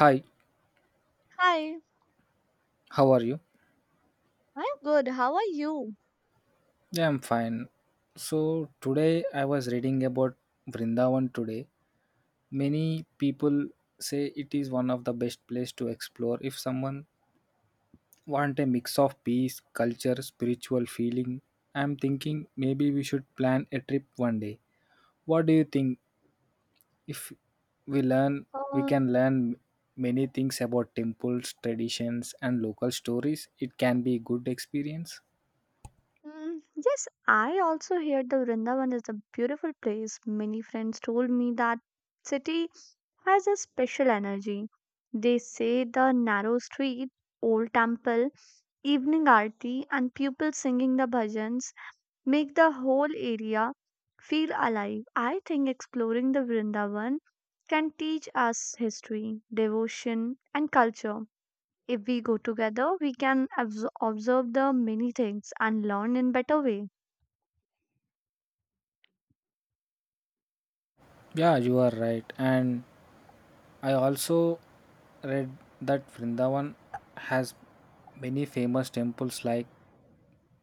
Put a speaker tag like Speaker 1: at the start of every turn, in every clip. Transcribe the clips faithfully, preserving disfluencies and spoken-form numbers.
Speaker 1: Hi,
Speaker 2: Hi,
Speaker 1: how are you?
Speaker 2: I'm good. How are you?
Speaker 1: Yeah, I'm fine. So, today I was reading about Vrindavan today. Many people say it is one of the best place to explore if someone want a mix of peace, culture, spiritual feeling. I'm thinking maybe we should plan a trip one day. What do you think? If we learn, We
Speaker 2: Uh,
Speaker 1: can learn many things about temples, traditions and local stories. It can be good experience.
Speaker 2: mm, yes, I also heard the Vrindavan is a beautiful place. Many friends told me that city has a special energy. They say the narrow street, old temple, evening aarti, and people singing the bhajans make the whole area feel alive. I think exploring the Vrindavan can teach us history, devotion, and culture. If we go together, we can abs- observe the many things and learn in better way.
Speaker 1: Yeah, you are right. And I also read that Vrindavan has many famous temples like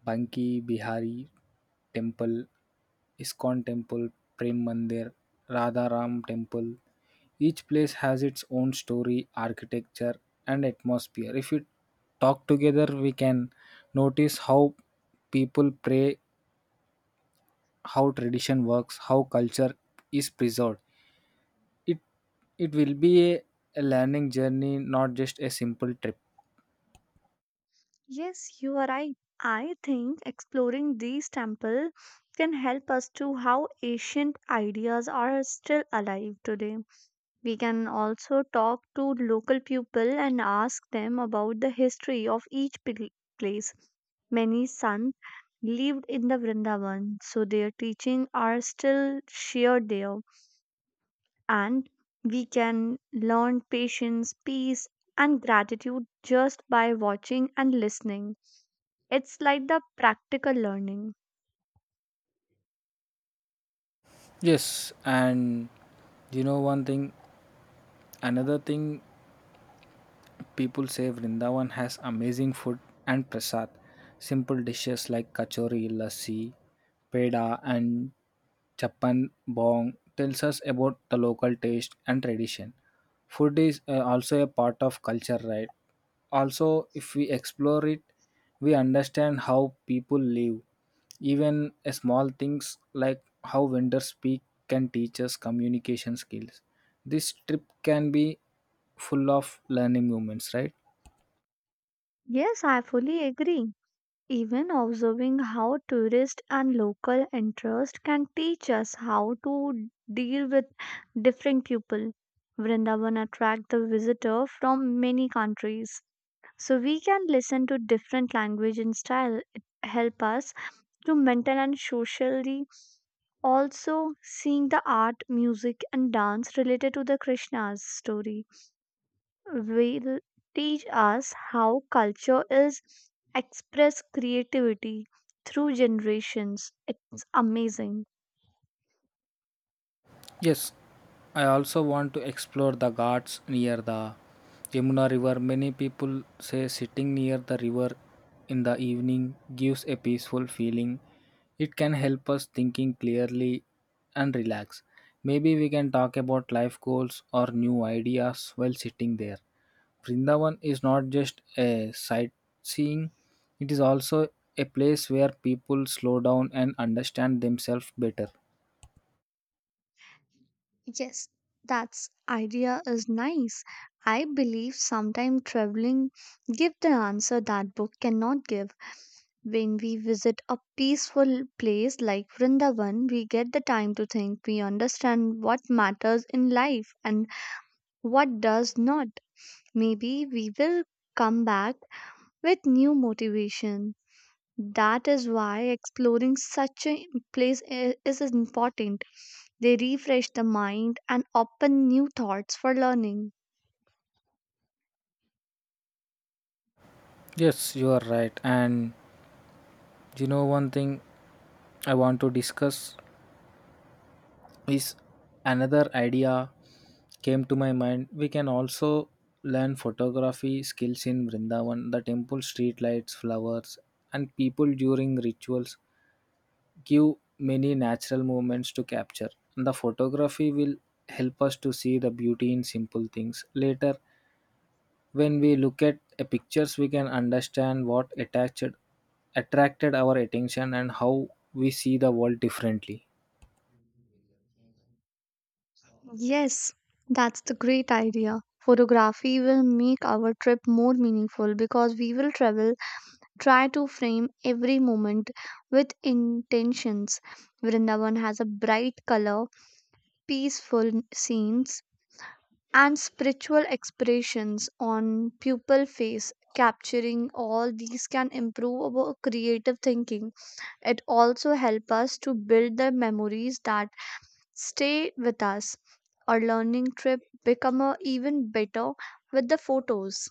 Speaker 1: Banki Bihari Temple, Iskon Temple, Prem Mandir, Radha Ram Temple. Each place has its own story, architecture, and atmosphere. If we talk together, we can notice how people pray, how tradition works, how culture is preserved. It it will be a, a learning journey, not just a simple trip.
Speaker 2: Yes, you are right. I think exploring these temples can help us to how ancient ideas are still alive today. We can also talk to local people and ask them about the history of each pl- place. Many sons lived in the Vrindavan, so their teaching are still shared there. And we can learn patience, peace, and gratitude just by watching and listening. It's like the practical learning.
Speaker 1: Yes, and you know one thing another thing, people say Vrindavan has amazing food and prasad, simple dishes like kachori, lassi, peda, and Chapan Bong tells us about the local taste and tradition. Food is uh, also a part of culture, right? Also, if we explore it, we understand how people live. Even uh, small things like how vendors speak can teach us communication skills. This trip can be full of learning moments, right?
Speaker 2: Yes, I fully agree. Even observing how tourist and local interest can teach us how to deal with different people. Vrindavan attract the visitor from many countries. So we can listen to different language and style. It help us to mental and socially. Also seeing the art music and dance related to the Krishna's story will teach us how culture is express creativity through generations. It's amazing.
Speaker 1: Yes, I also want to explore the ghats near the Yamuna River. Many people say sitting near the river in the evening gives a peaceful feeling. It can help us thinking clearly and relax. Maybe we can talk about life goals or new ideas while sitting there. Vrindavan is not just a sightseeing, it is also a place where people slow down and understand themselves better.
Speaker 2: Yes, that's idea is nice. I believe sometime traveling give the answer that book cannot give. When we visit a peaceful place like Vrindavan, we get the time to think. We understand what matters in life and what does not. Maybe we will come back with new motivation. That is why exploring such a place i- is important. They refresh the mind and open new thoughts for learning.
Speaker 1: Yes, you are right. And you know, one thing I want to discuss is another idea came to my mind. We can also learn photography skills in Vrindavan. The temple, street lights, flowers, and people during rituals give many natural moments to capture. The photography will help us to see the beauty in simple things later. When we look at a pictures, we can understand what attached attracted our attention, and how we see the world differently.
Speaker 2: Yes, that's the great idea. Photography will make our trip more meaningful because we will travel try to frame every moment with intentions. Vrindavan has a bright color, peaceful scenes, and spiritual expressions on pupil face. Capturing all these can improve our creative thinking. It also helps us to build the memories that stay with us. Our learning trip become a even better with the photos.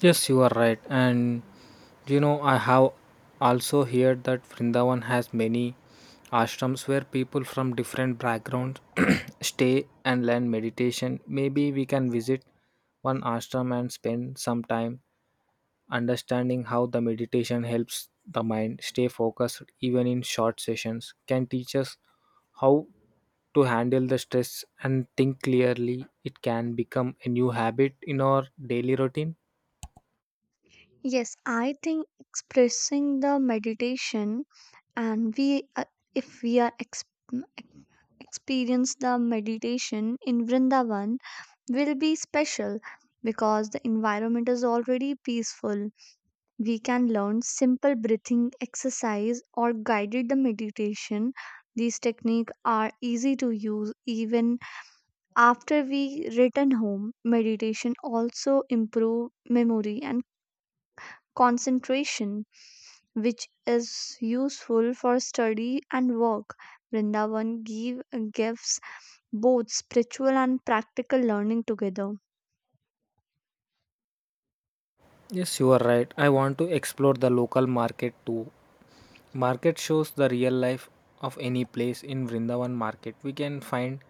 Speaker 1: Yes, you are right. And you know, I have also heard that Vrindavan has many ashrams where people from different backgrounds stay and learn meditation. Maybe we can visit one ashram and spend some time understanding how the meditation helps the mind stay focused. Even in short sessions can teach us how to handle the stress and think clearly. It can become a new habit in our daily routine.
Speaker 2: Yes, I think expressing the meditation and we uh, if we are ex- experience the meditation in Vrindavan will be special because the environment is already peaceful. We can learn simple breathing exercise or guided the meditation. These techniques are easy to use even after we return home. Meditation also improve memory and concentration, which is useful for study and work. Vrindavan give, gives both spiritual and practical learning together.
Speaker 1: Yes, you are right. I want to explore the local market too. Market shows the real life of any place in Vrindavan market. We can find,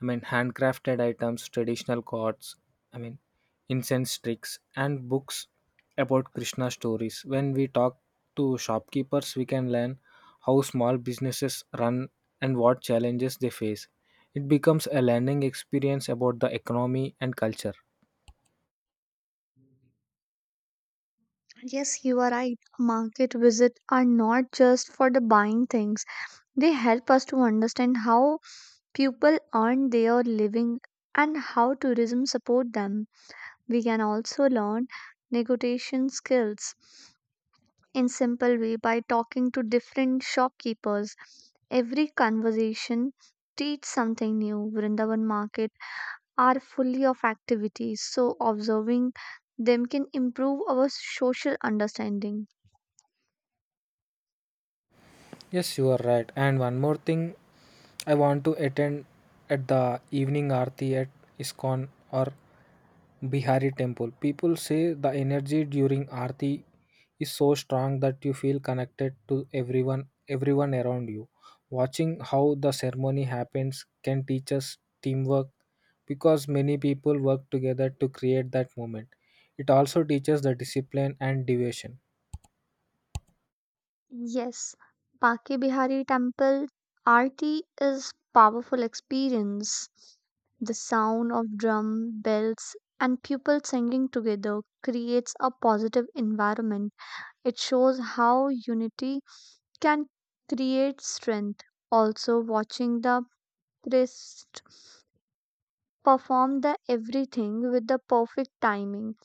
Speaker 1: I mean, handcrafted items, traditional cards, I mean, incense sticks, and books about Krishna stories. When we talk to shopkeepers, we can learn how small businesses run and what challenges they face. It becomes a learning experience about the economy and culture.
Speaker 2: Yes, you are right. Market visits are not just for the buying things, they help us to understand how people earn their living and how tourism support them. We can also learn negotiation skills in simple way by talking to different shopkeepers. Every conversation teach something new. Vrindavan market are fully of activities, so observing them can improve our social understanding.
Speaker 1: Yes, you are right. And one more thing, I want to attend at the evening aarti at ISKCON or Bihari temple. People say the energy during aarti is so strong that you feel connected to everyone everyone around you. Watching how the ceremony happens can teach us teamwork because many people work together to create that moment. It also teaches the discipline and devotion.
Speaker 2: Yes, Baki Bihari Temple Aarti is powerful experience. The sound of drum bells and people singing together creates a positive environment. It shows how unity can create strength. Also, watching the priest perform the everything with the perfect timing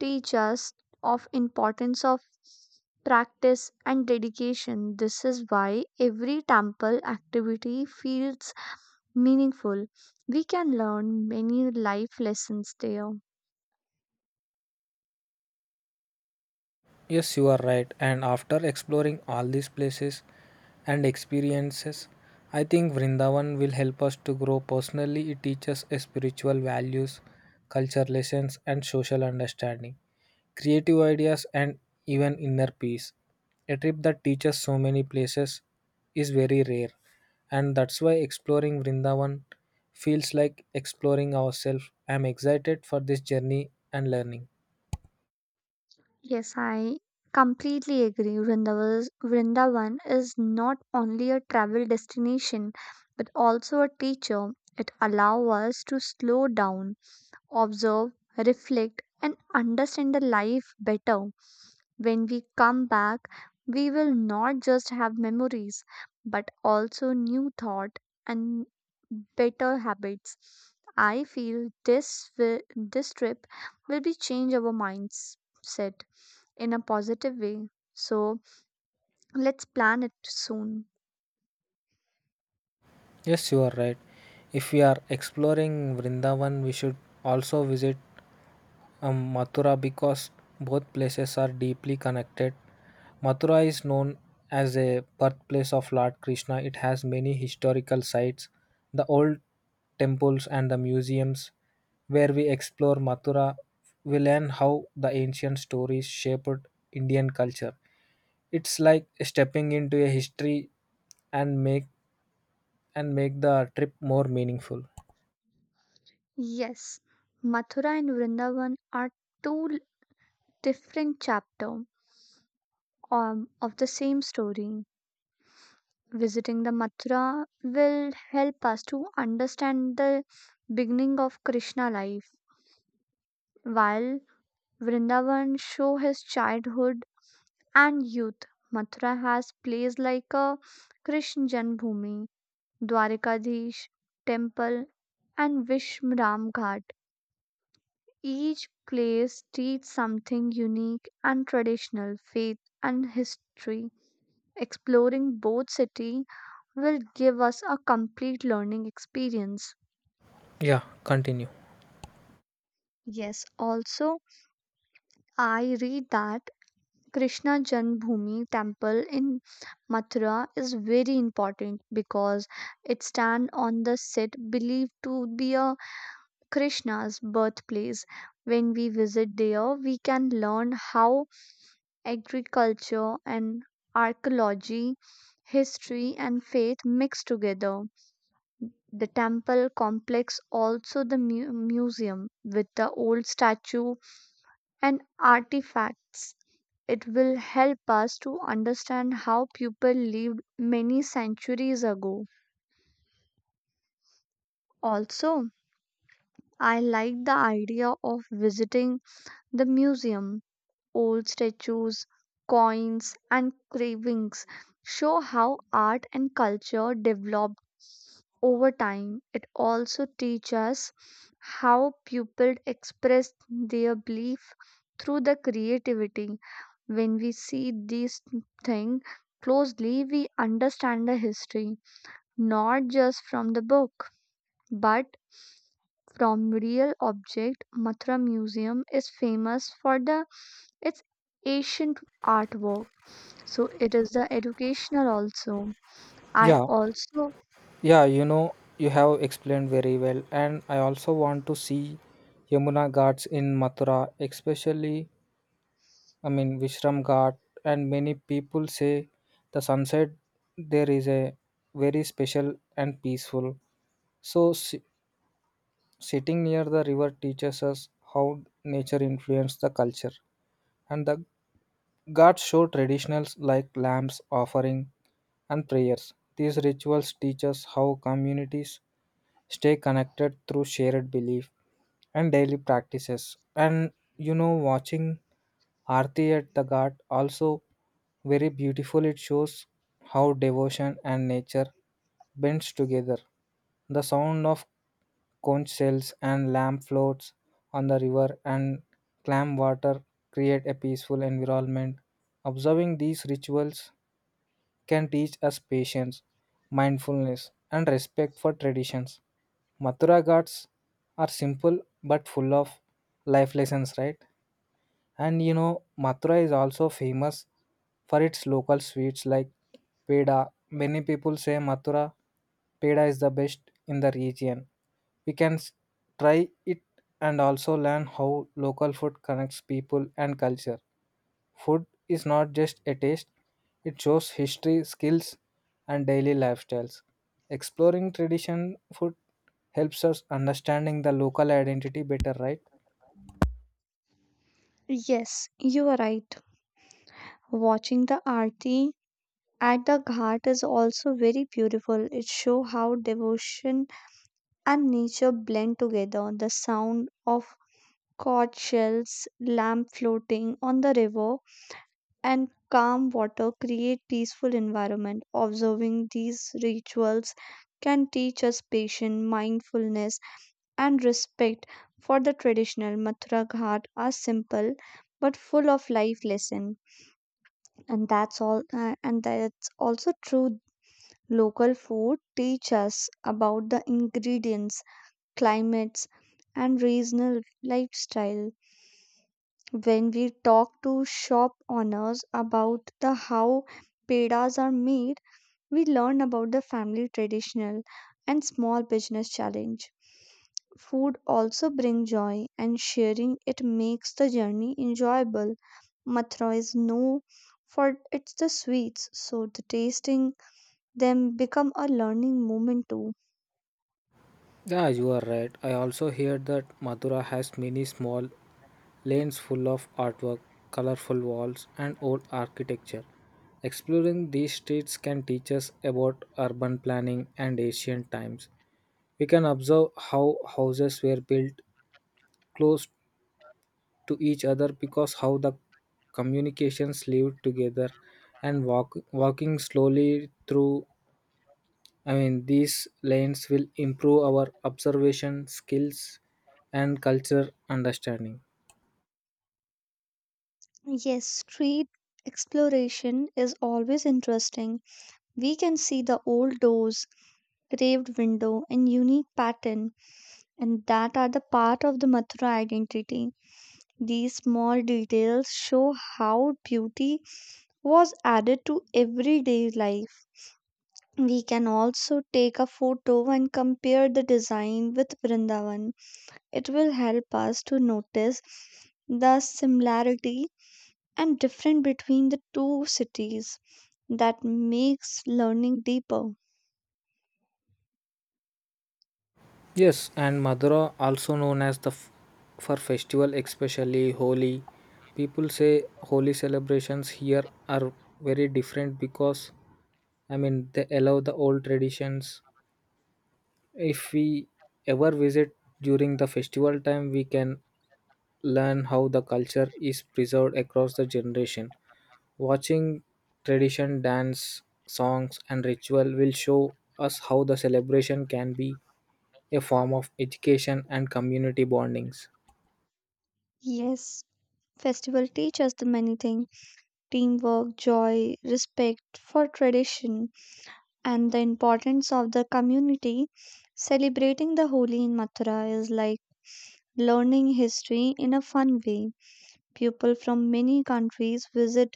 Speaker 2: teach us of importance of practice and dedication. This is why every temple activity feels meaningful. We can learn many life lessons there.
Speaker 1: Yes, you are right. And after exploring all these places and experiences, I think Vrindavan will help us to grow personally. It teaches us spiritual values, culture lessons, and social understanding, creative ideas, and even inner peace. A trip that teaches so many places is very rare, and that's why exploring Vrindavan feels like exploring ourselves. I'm excited for this journey and learning.
Speaker 2: Yes, I completely agree. Vrindavan, Vrindavan is not only a travel destination but also a teacher. It allows us to slow down, observe, reflect, and understand the life better. When we come back, we will not just have memories but also new thought and better habits. I feel this will, this trip will be change our mindset in a positive way. So let's plan it soon.
Speaker 1: Yes, you are right. If we are exploring Vrindavan, we should also visit um, Mathura because both places are deeply connected. Mathura is known as a birthplace of Lord Krishna. It has many historical sites, the old temples, and the museums. Where we explore Mathura, we learn how the ancient stories shaped Indian culture. It's like stepping into a history and make and make the trip more meaningful.
Speaker 2: Yes, Mathura and Vrindavan are two l- different chapters um, of the same story. Visiting the Mathura will help us to understand the beginning of Krishna life, while Vrindavan show his childhood and youth. Mathura has plays like a Krishna Janbhumi, Dwarikadish temple, and Vishramghat. Each place teaches something unique and traditional, faith and history. Exploring both cities will give us a complete learning experience.
Speaker 1: Yeah, continue.
Speaker 2: Yes, also I read that Krishna Janmabhoomi temple in Mathura is very important because it stands on the site believed to be a Krishna's birthplace. When we visit there, we can learn how agriculture and archaeology, history and faith mixed together. The temple complex, also the mu- museum with the old statue and artifacts. It will help us to understand how people lived many centuries ago. Also, I like the idea of visiting the museum old statues, coins, and carvings show how art and culture developed over time. It also teaches us how people expressed their belief through the creativity. When we see these things closely, we understand the history not just from the book but from real object. Mathura museum is famous for the its ancient artwork. So it is the educational also. I
Speaker 1: Yeah,
Speaker 2: also.
Speaker 1: yeah, you know, you have explained very well, and I also want to see Yamuna Ghats in Mathura, especially, I mean, Vishram Ghat, and many people say the sunset there is a very special and peaceful. So, si- sitting near the river teaches us how nature influenced the culture, and the Ghats show traditionals like lamps offering and prayers. These rituals teach us how communities stay connected through shared belief and daily practices. And you know, watching Aarti at the Ghat also very beautiful. It shows how devotion and nature bends together. The sound of conch shells and lamp floats on the river and clam water create a peaceful environment. Observing these rituals can teach us patience, mindfulness, and respect for traditions. Mathura Ghats are simple but full of life lessons, right? And you know, Mathura is also famous for its local sweets like peda. Many people say Mathura peda is the best in the region. We can s- try it and also learn how local food connects people and culture. Food is not just a taste, it shows history, skills, and daily lifestyles. Exploring tradition food helps us understanding the local identity better, right?
Speaker 2: Yes, you are right. Watching the aarti at the ghat is also very beautiful. It shows how devotion and nature blend together. The sound of cod shells, lamp floating on the river, and calm water create peaceful environment observing these rituals can teach us patience mindfulness and respect for the traditional. Mathura Ghat are simple but full of life lesson. And that's all uh, and that's also true. Local food teach us about the ingredients climates and regional lifestyle. When we talk to shop owners about the how pedas are made, we learn about the family traditional and small business challenge. Food also brings joy and sharing it makes the journey enjoyable. Mathura is known for it's the sweets, so the tasting them become a learning moment too.
Speaker 1: Yeah, you are right. I also hear that Mathura has many small lanes full of artwork, colorful walls, and old architecture. Exploring these streets can teach us about urban planning and ancient times. We can observe how houses were built close to each other because how the communications lived together and walk, walking slowly through, I mean, these lanes will improve our observation skills and culture understanding.
Speaker 2: Yes, street exploration is always interesting. We can see the old doors, carved window, and unique pattern, and that are the part of the Mathura identity. These small details show how beauty was added to everyday life. We can also take a photo and compare the design with Vrindavan. It will help us to notice the similarity and difference between the two cities that makes learning deeper.
Speaker 1: Yes, and Madura, also known as the f- for festival, especially Holi. People say Holi celebrations here are very different because, I mean, they allow the old traditions. If we ever visit during the festival time, we can learn how the culture is preserved across the generation. Watching tradition dance, songs, and ritual will show us how the celebration can be a form of education and community bondings.
Speaker 2: Yes, festival teaches the many things: teamwork, joy, respect for tradition, and the importance of the community. Celebrating the Holi in Mathura is like learning history in a fun way. People from many countries visit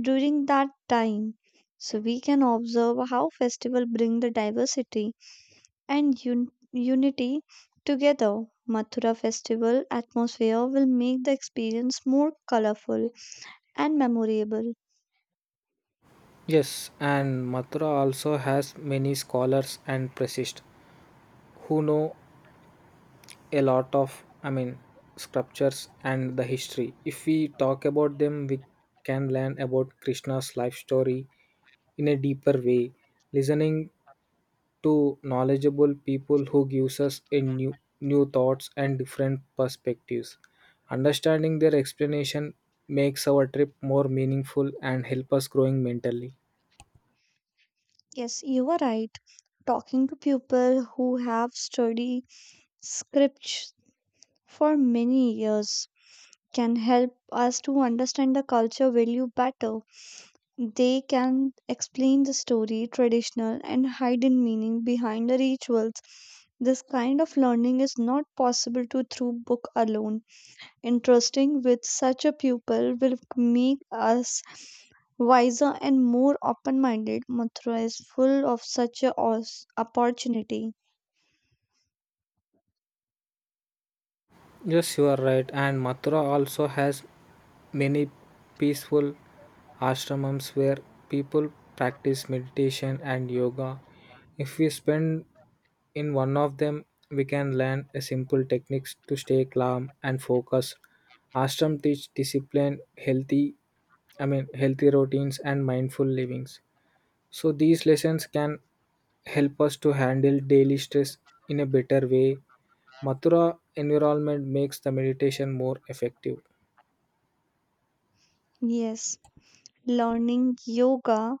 Speaker 2: during that time. So we can observe how festival bring the diversity and un- unity together. Mathura festival atmosphere will make the experience more colorful and memorable.
Speaker 1: Yes, and Mathura also has many scholars and priests who know a lot of, I mean, sculptures and the history. If we talk about them, we can learn about Krishna's life story in a deeper way. Listening to knowledgeable people who gives us a new new thoughts and different perspectives. Understanding their explanation makes our trip more meaningful and help us growing mentally.
Speaker 2: Yes, you are right. Talking to people who have studied scripts for many years can help us to understand the culture value better. They can explain the story, traditional, and hidden meaning behind the rituals. This kind of learning is not possible to through book alone. Interesting with such a pupil will make us wiser and more open-minded. Mathura is full of such a os- opportunity.
Speaker 1: Yes, you are right. And Mathura also has many peaceful ashrams where people practice meditation and yoga. If we spend in one of them, we can learn a simple techniques to stay calm and focus. Ashram teach discipline, healthy, I mean, healthy routines and mindful livings. So these lessons can help us to handle daily stress in a better way. Mathura environment makes the meditation more effective.
Speaker 2: Yes. Learning yoga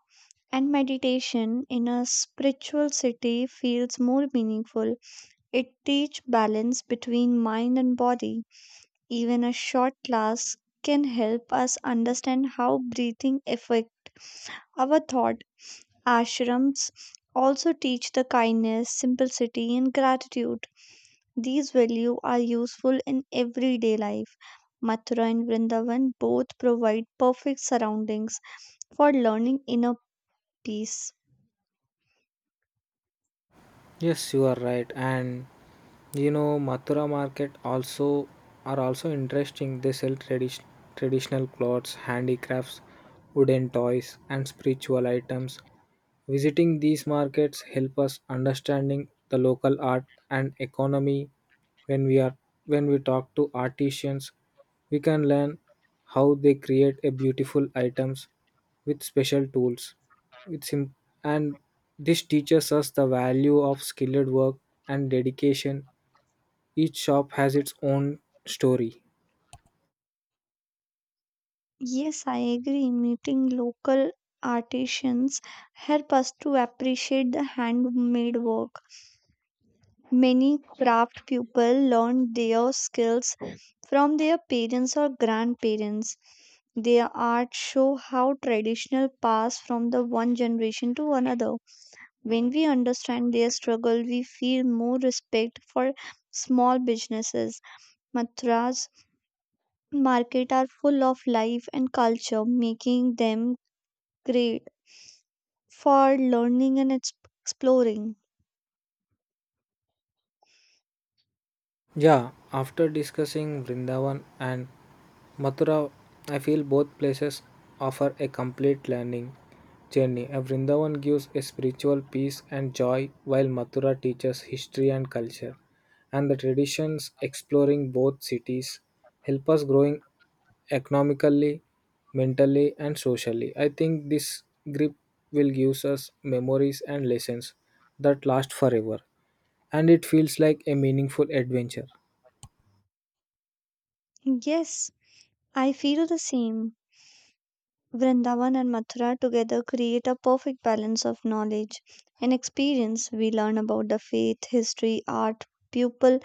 Speaker 2: and meditation in a spiritual city feels more meaningful. It teaches balance between mind and body. Even a short class can help us understand how breathing affects our thought. Ashrams also teach the kindness, simplicity, and gratitude. These values are useful in everyday life. Mathura and Vrindavan both provide perfect surroundings for learning inner peace.
Speaker 1: Yes, you are right. And you know, Mathura market also are also interesting. They sell tradi- traditional clothes, handicrafts, wooden toys, and spiritual items. Visiting these markets help us understanding the local art and economy. When we are when we talk to artisans, we can learn how they create a beautiful items with special tools. It's sim- and this teaches us the value of skilled work and dedication. Each shop has its own story.
Speaker 2: Yes, I agree. Meeting local artisans help us to appreciate the handmade work. Many craft people learn their skills from their parents or grandparents. Their art show how traditional pass from the one generation to another. When we understand their struggle, we feel more respect for small businesses. Mathura's market are full of life and culture, making them great for learning and ex- exploring.
Speaker 1: Yeah, after discussing Vrindavan and Mathura, I feel both places offer a complete learning journey. A Vrindavan gives a spiritual peace and joy, while Mathura teaches history and culture. And the traditions exploring both cities help us growing economically, mentally, and socially. I think this grip will give us memories and lessons that last forever, and it feels like a meaningful adventure.
Speaker 2: Yes, I feel the same. Vrindavan and Mathura together create a perfect balance of knowledge and experience. We learn about the faith, history, art, people,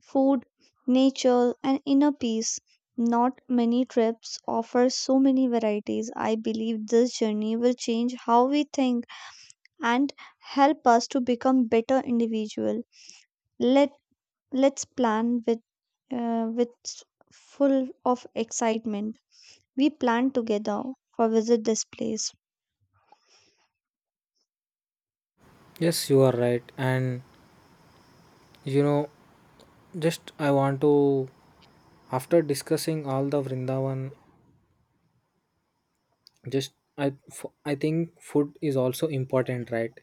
Speaker 2: food, nature, and inner peace. Not many trips offer so many varieties. I believe this journey will change how we think and help us to become better individual. Let Let's plan with uh, with s- full of excitement. We plan together for visit this place.
Speaker 1: Yes, you are right. And you know, just I want to, after discussing all the Vrindavan, just I, f- I think food is also important, right?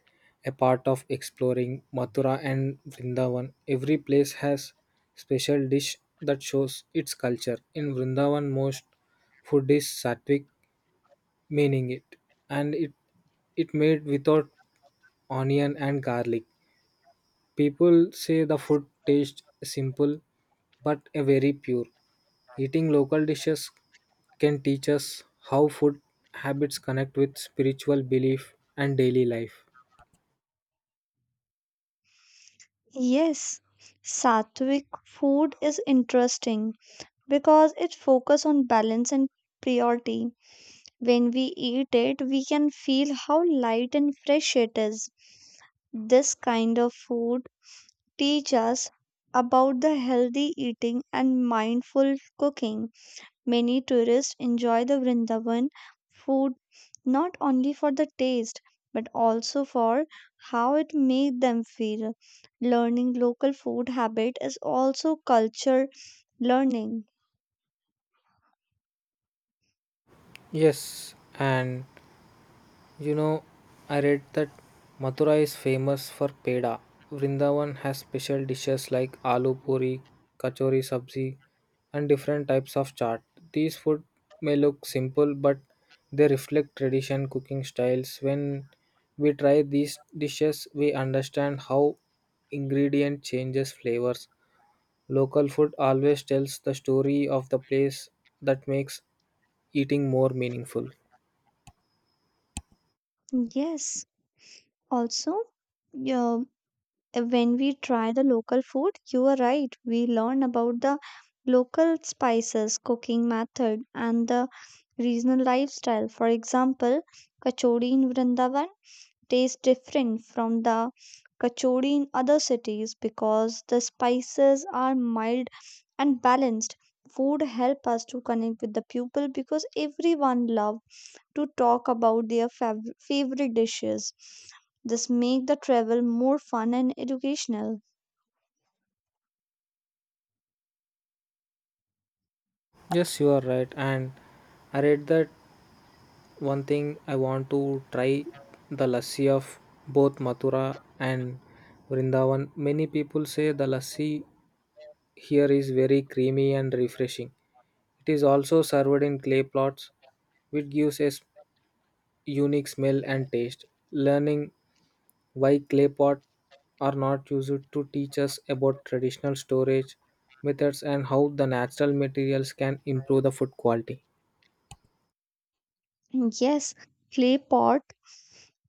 Speaker 1: A part of exploring Mathura and Vrindavan. Every place has special dish that shows its culture. In Vrindavan, most food is sattvic, meaning it, and it it made without onion and garlic. People say the food tastes simple but a very pure. Eating local dishes can teach us how food habits connect with spiritual belief and daily life.
Speaker 2: Yes, Sattvic food is interesting because it focus on balance and purity. When we eat it, we can feel how light and fresh it is. This kind of food teach us about the healthy eating and mindful cooking. Many tourists enjoy the Vrindavan food not only for the taste but also for how it made them feel. Learning local food habit is also culture learning.
Speaker 1: Yes, and you know, I read that Mathura is famous for peda. Vrindavan has special dishes like aloo puri, kachori sabzi, and different types of chaat. These food may look simple, but they reflect tradition cooking styles. When we try these dishes, we understand how ingredient changes flavors. Local food always tells the story of the place that makes eating more meaningful.
Speaker 2: Yes, also yeah, when we try the local food, you are right. We learn about the local spices, cooking method, and the regional lifestyle. For example, kachori in Vrindavan taste different from the kachori in other cities because the spices are mild and balanced. Food help us to connect with the people because everyone love to talk about their fav- favorite dishes. This make the travel more fun and educational.
Speaker 1: Yes, you are right. And I read that one thing I want to try the lassi of both Mathura and Vrindavan. Many people say the lassi here is very creamy and refreshing. It is also served in clay pots, which gives a s- unique smell and taste. Learning why clay pots are not used to teach us about traditional storage methods and how the natural materials can improve the food quality.
Speaker 2: Yes, clay pot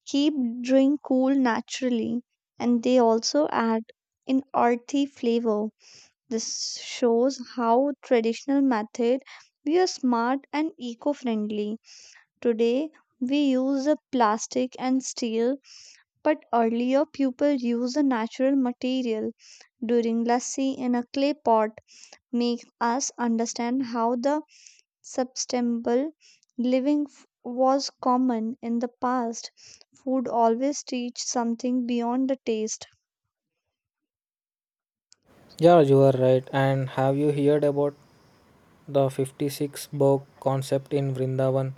Speaker 2: keep drink cool naturally and they also add an earthy flavor. This shows how traditional method were smart and eco-friendly. Today we use a plastic and steel, but earlier people used a natural material. During lassi in a clay pot make us understand how the sustainable living f- was common in the past. Food always teach something beyond the taste.
Speaker 1: Yeah, you are right. And have you heard about the fifty-six bhog concept in Vrindavan?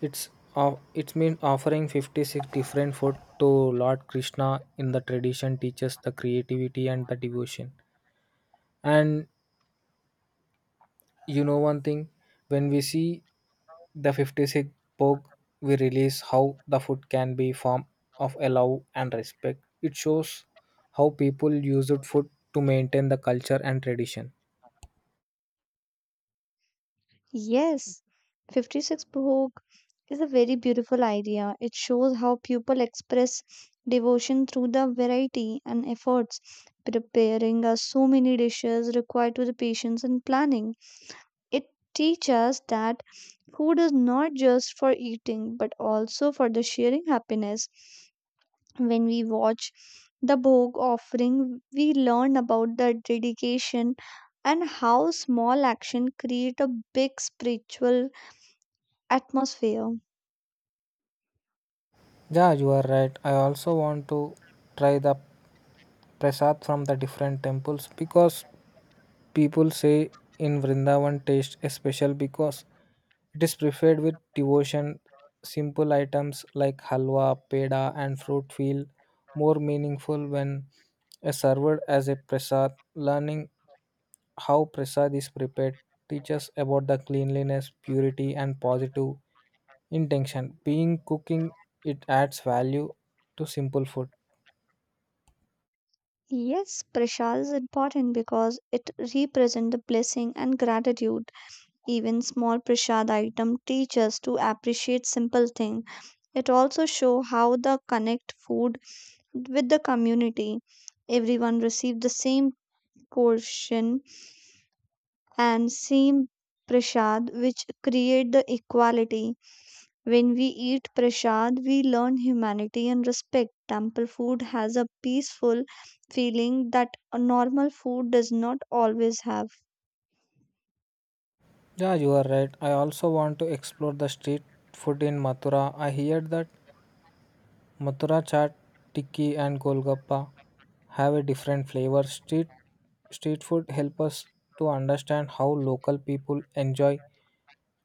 Speaker 1: It's of it's mean offering fifty-six different food to Lord Krishna in the tradition teaches the creativity and the devotion. And you know one thing, when we see the fifty-six bhog, we realize how the food can be form of a love and respect. It shows how people used food to maintain the culture and tradition.
Speaker 2: Yes, fifty-six Bhog is a very beautiful idea. It shows how people express devotion through the variety and efforts. Preparing us so many dishes required to the patience and planning. It teaches us that food is not just for eating but also for the sharing happiness. When we watch the Bhog offering, we learn about the dedication and how small action create a big spiritual atmosphere.
Speaker 1: Yeah, you are right. I also want to try the prasad from the different temples because people say in Vrindavan taste is special because it is prepared with devotion. Simple items like halwa, peda, and fruit feel more meaningful when uh, served as a prasad. Learning how prasad is prepared teaches about the cleanliness, purity, and positive intention being cooking. It adds value to simple food.
Speaker 2: Yes, prasad is important because it represents the blessing and gratitude. Even small prasad item teach us to appreciate simple things. It also show how the connect food with the community. Everyone receive the same portion and same prasad, which create the equality. When we eat prasad, we learn humanity and respect. Temple food has a peaceful feeling that a normal food does not always have.
Speaker 1: Yeah, you are right. I also want to explore the street food in Mathura. I hear that Mathura chaat, tikki and golgappa have a different flavor. Street street food help us to understand how local people enjoy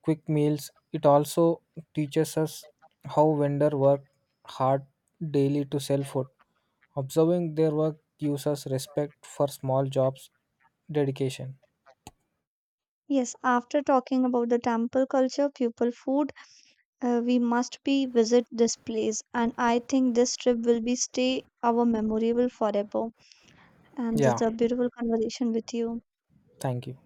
Speaker 1: quick meals. It also teaches us how vendors work hard daily to sell food. Observing their work gives us respect for small jobs dedication.
Speaker 2: Yes, after talking about the temple culture, people food, uh, we must be visit this place, and I think this trip will be stay our memorable forever. And it's
Speaker 1: Yeah,
Speaker 2: a beautiful conversation with you.
Speaker 1: thank you.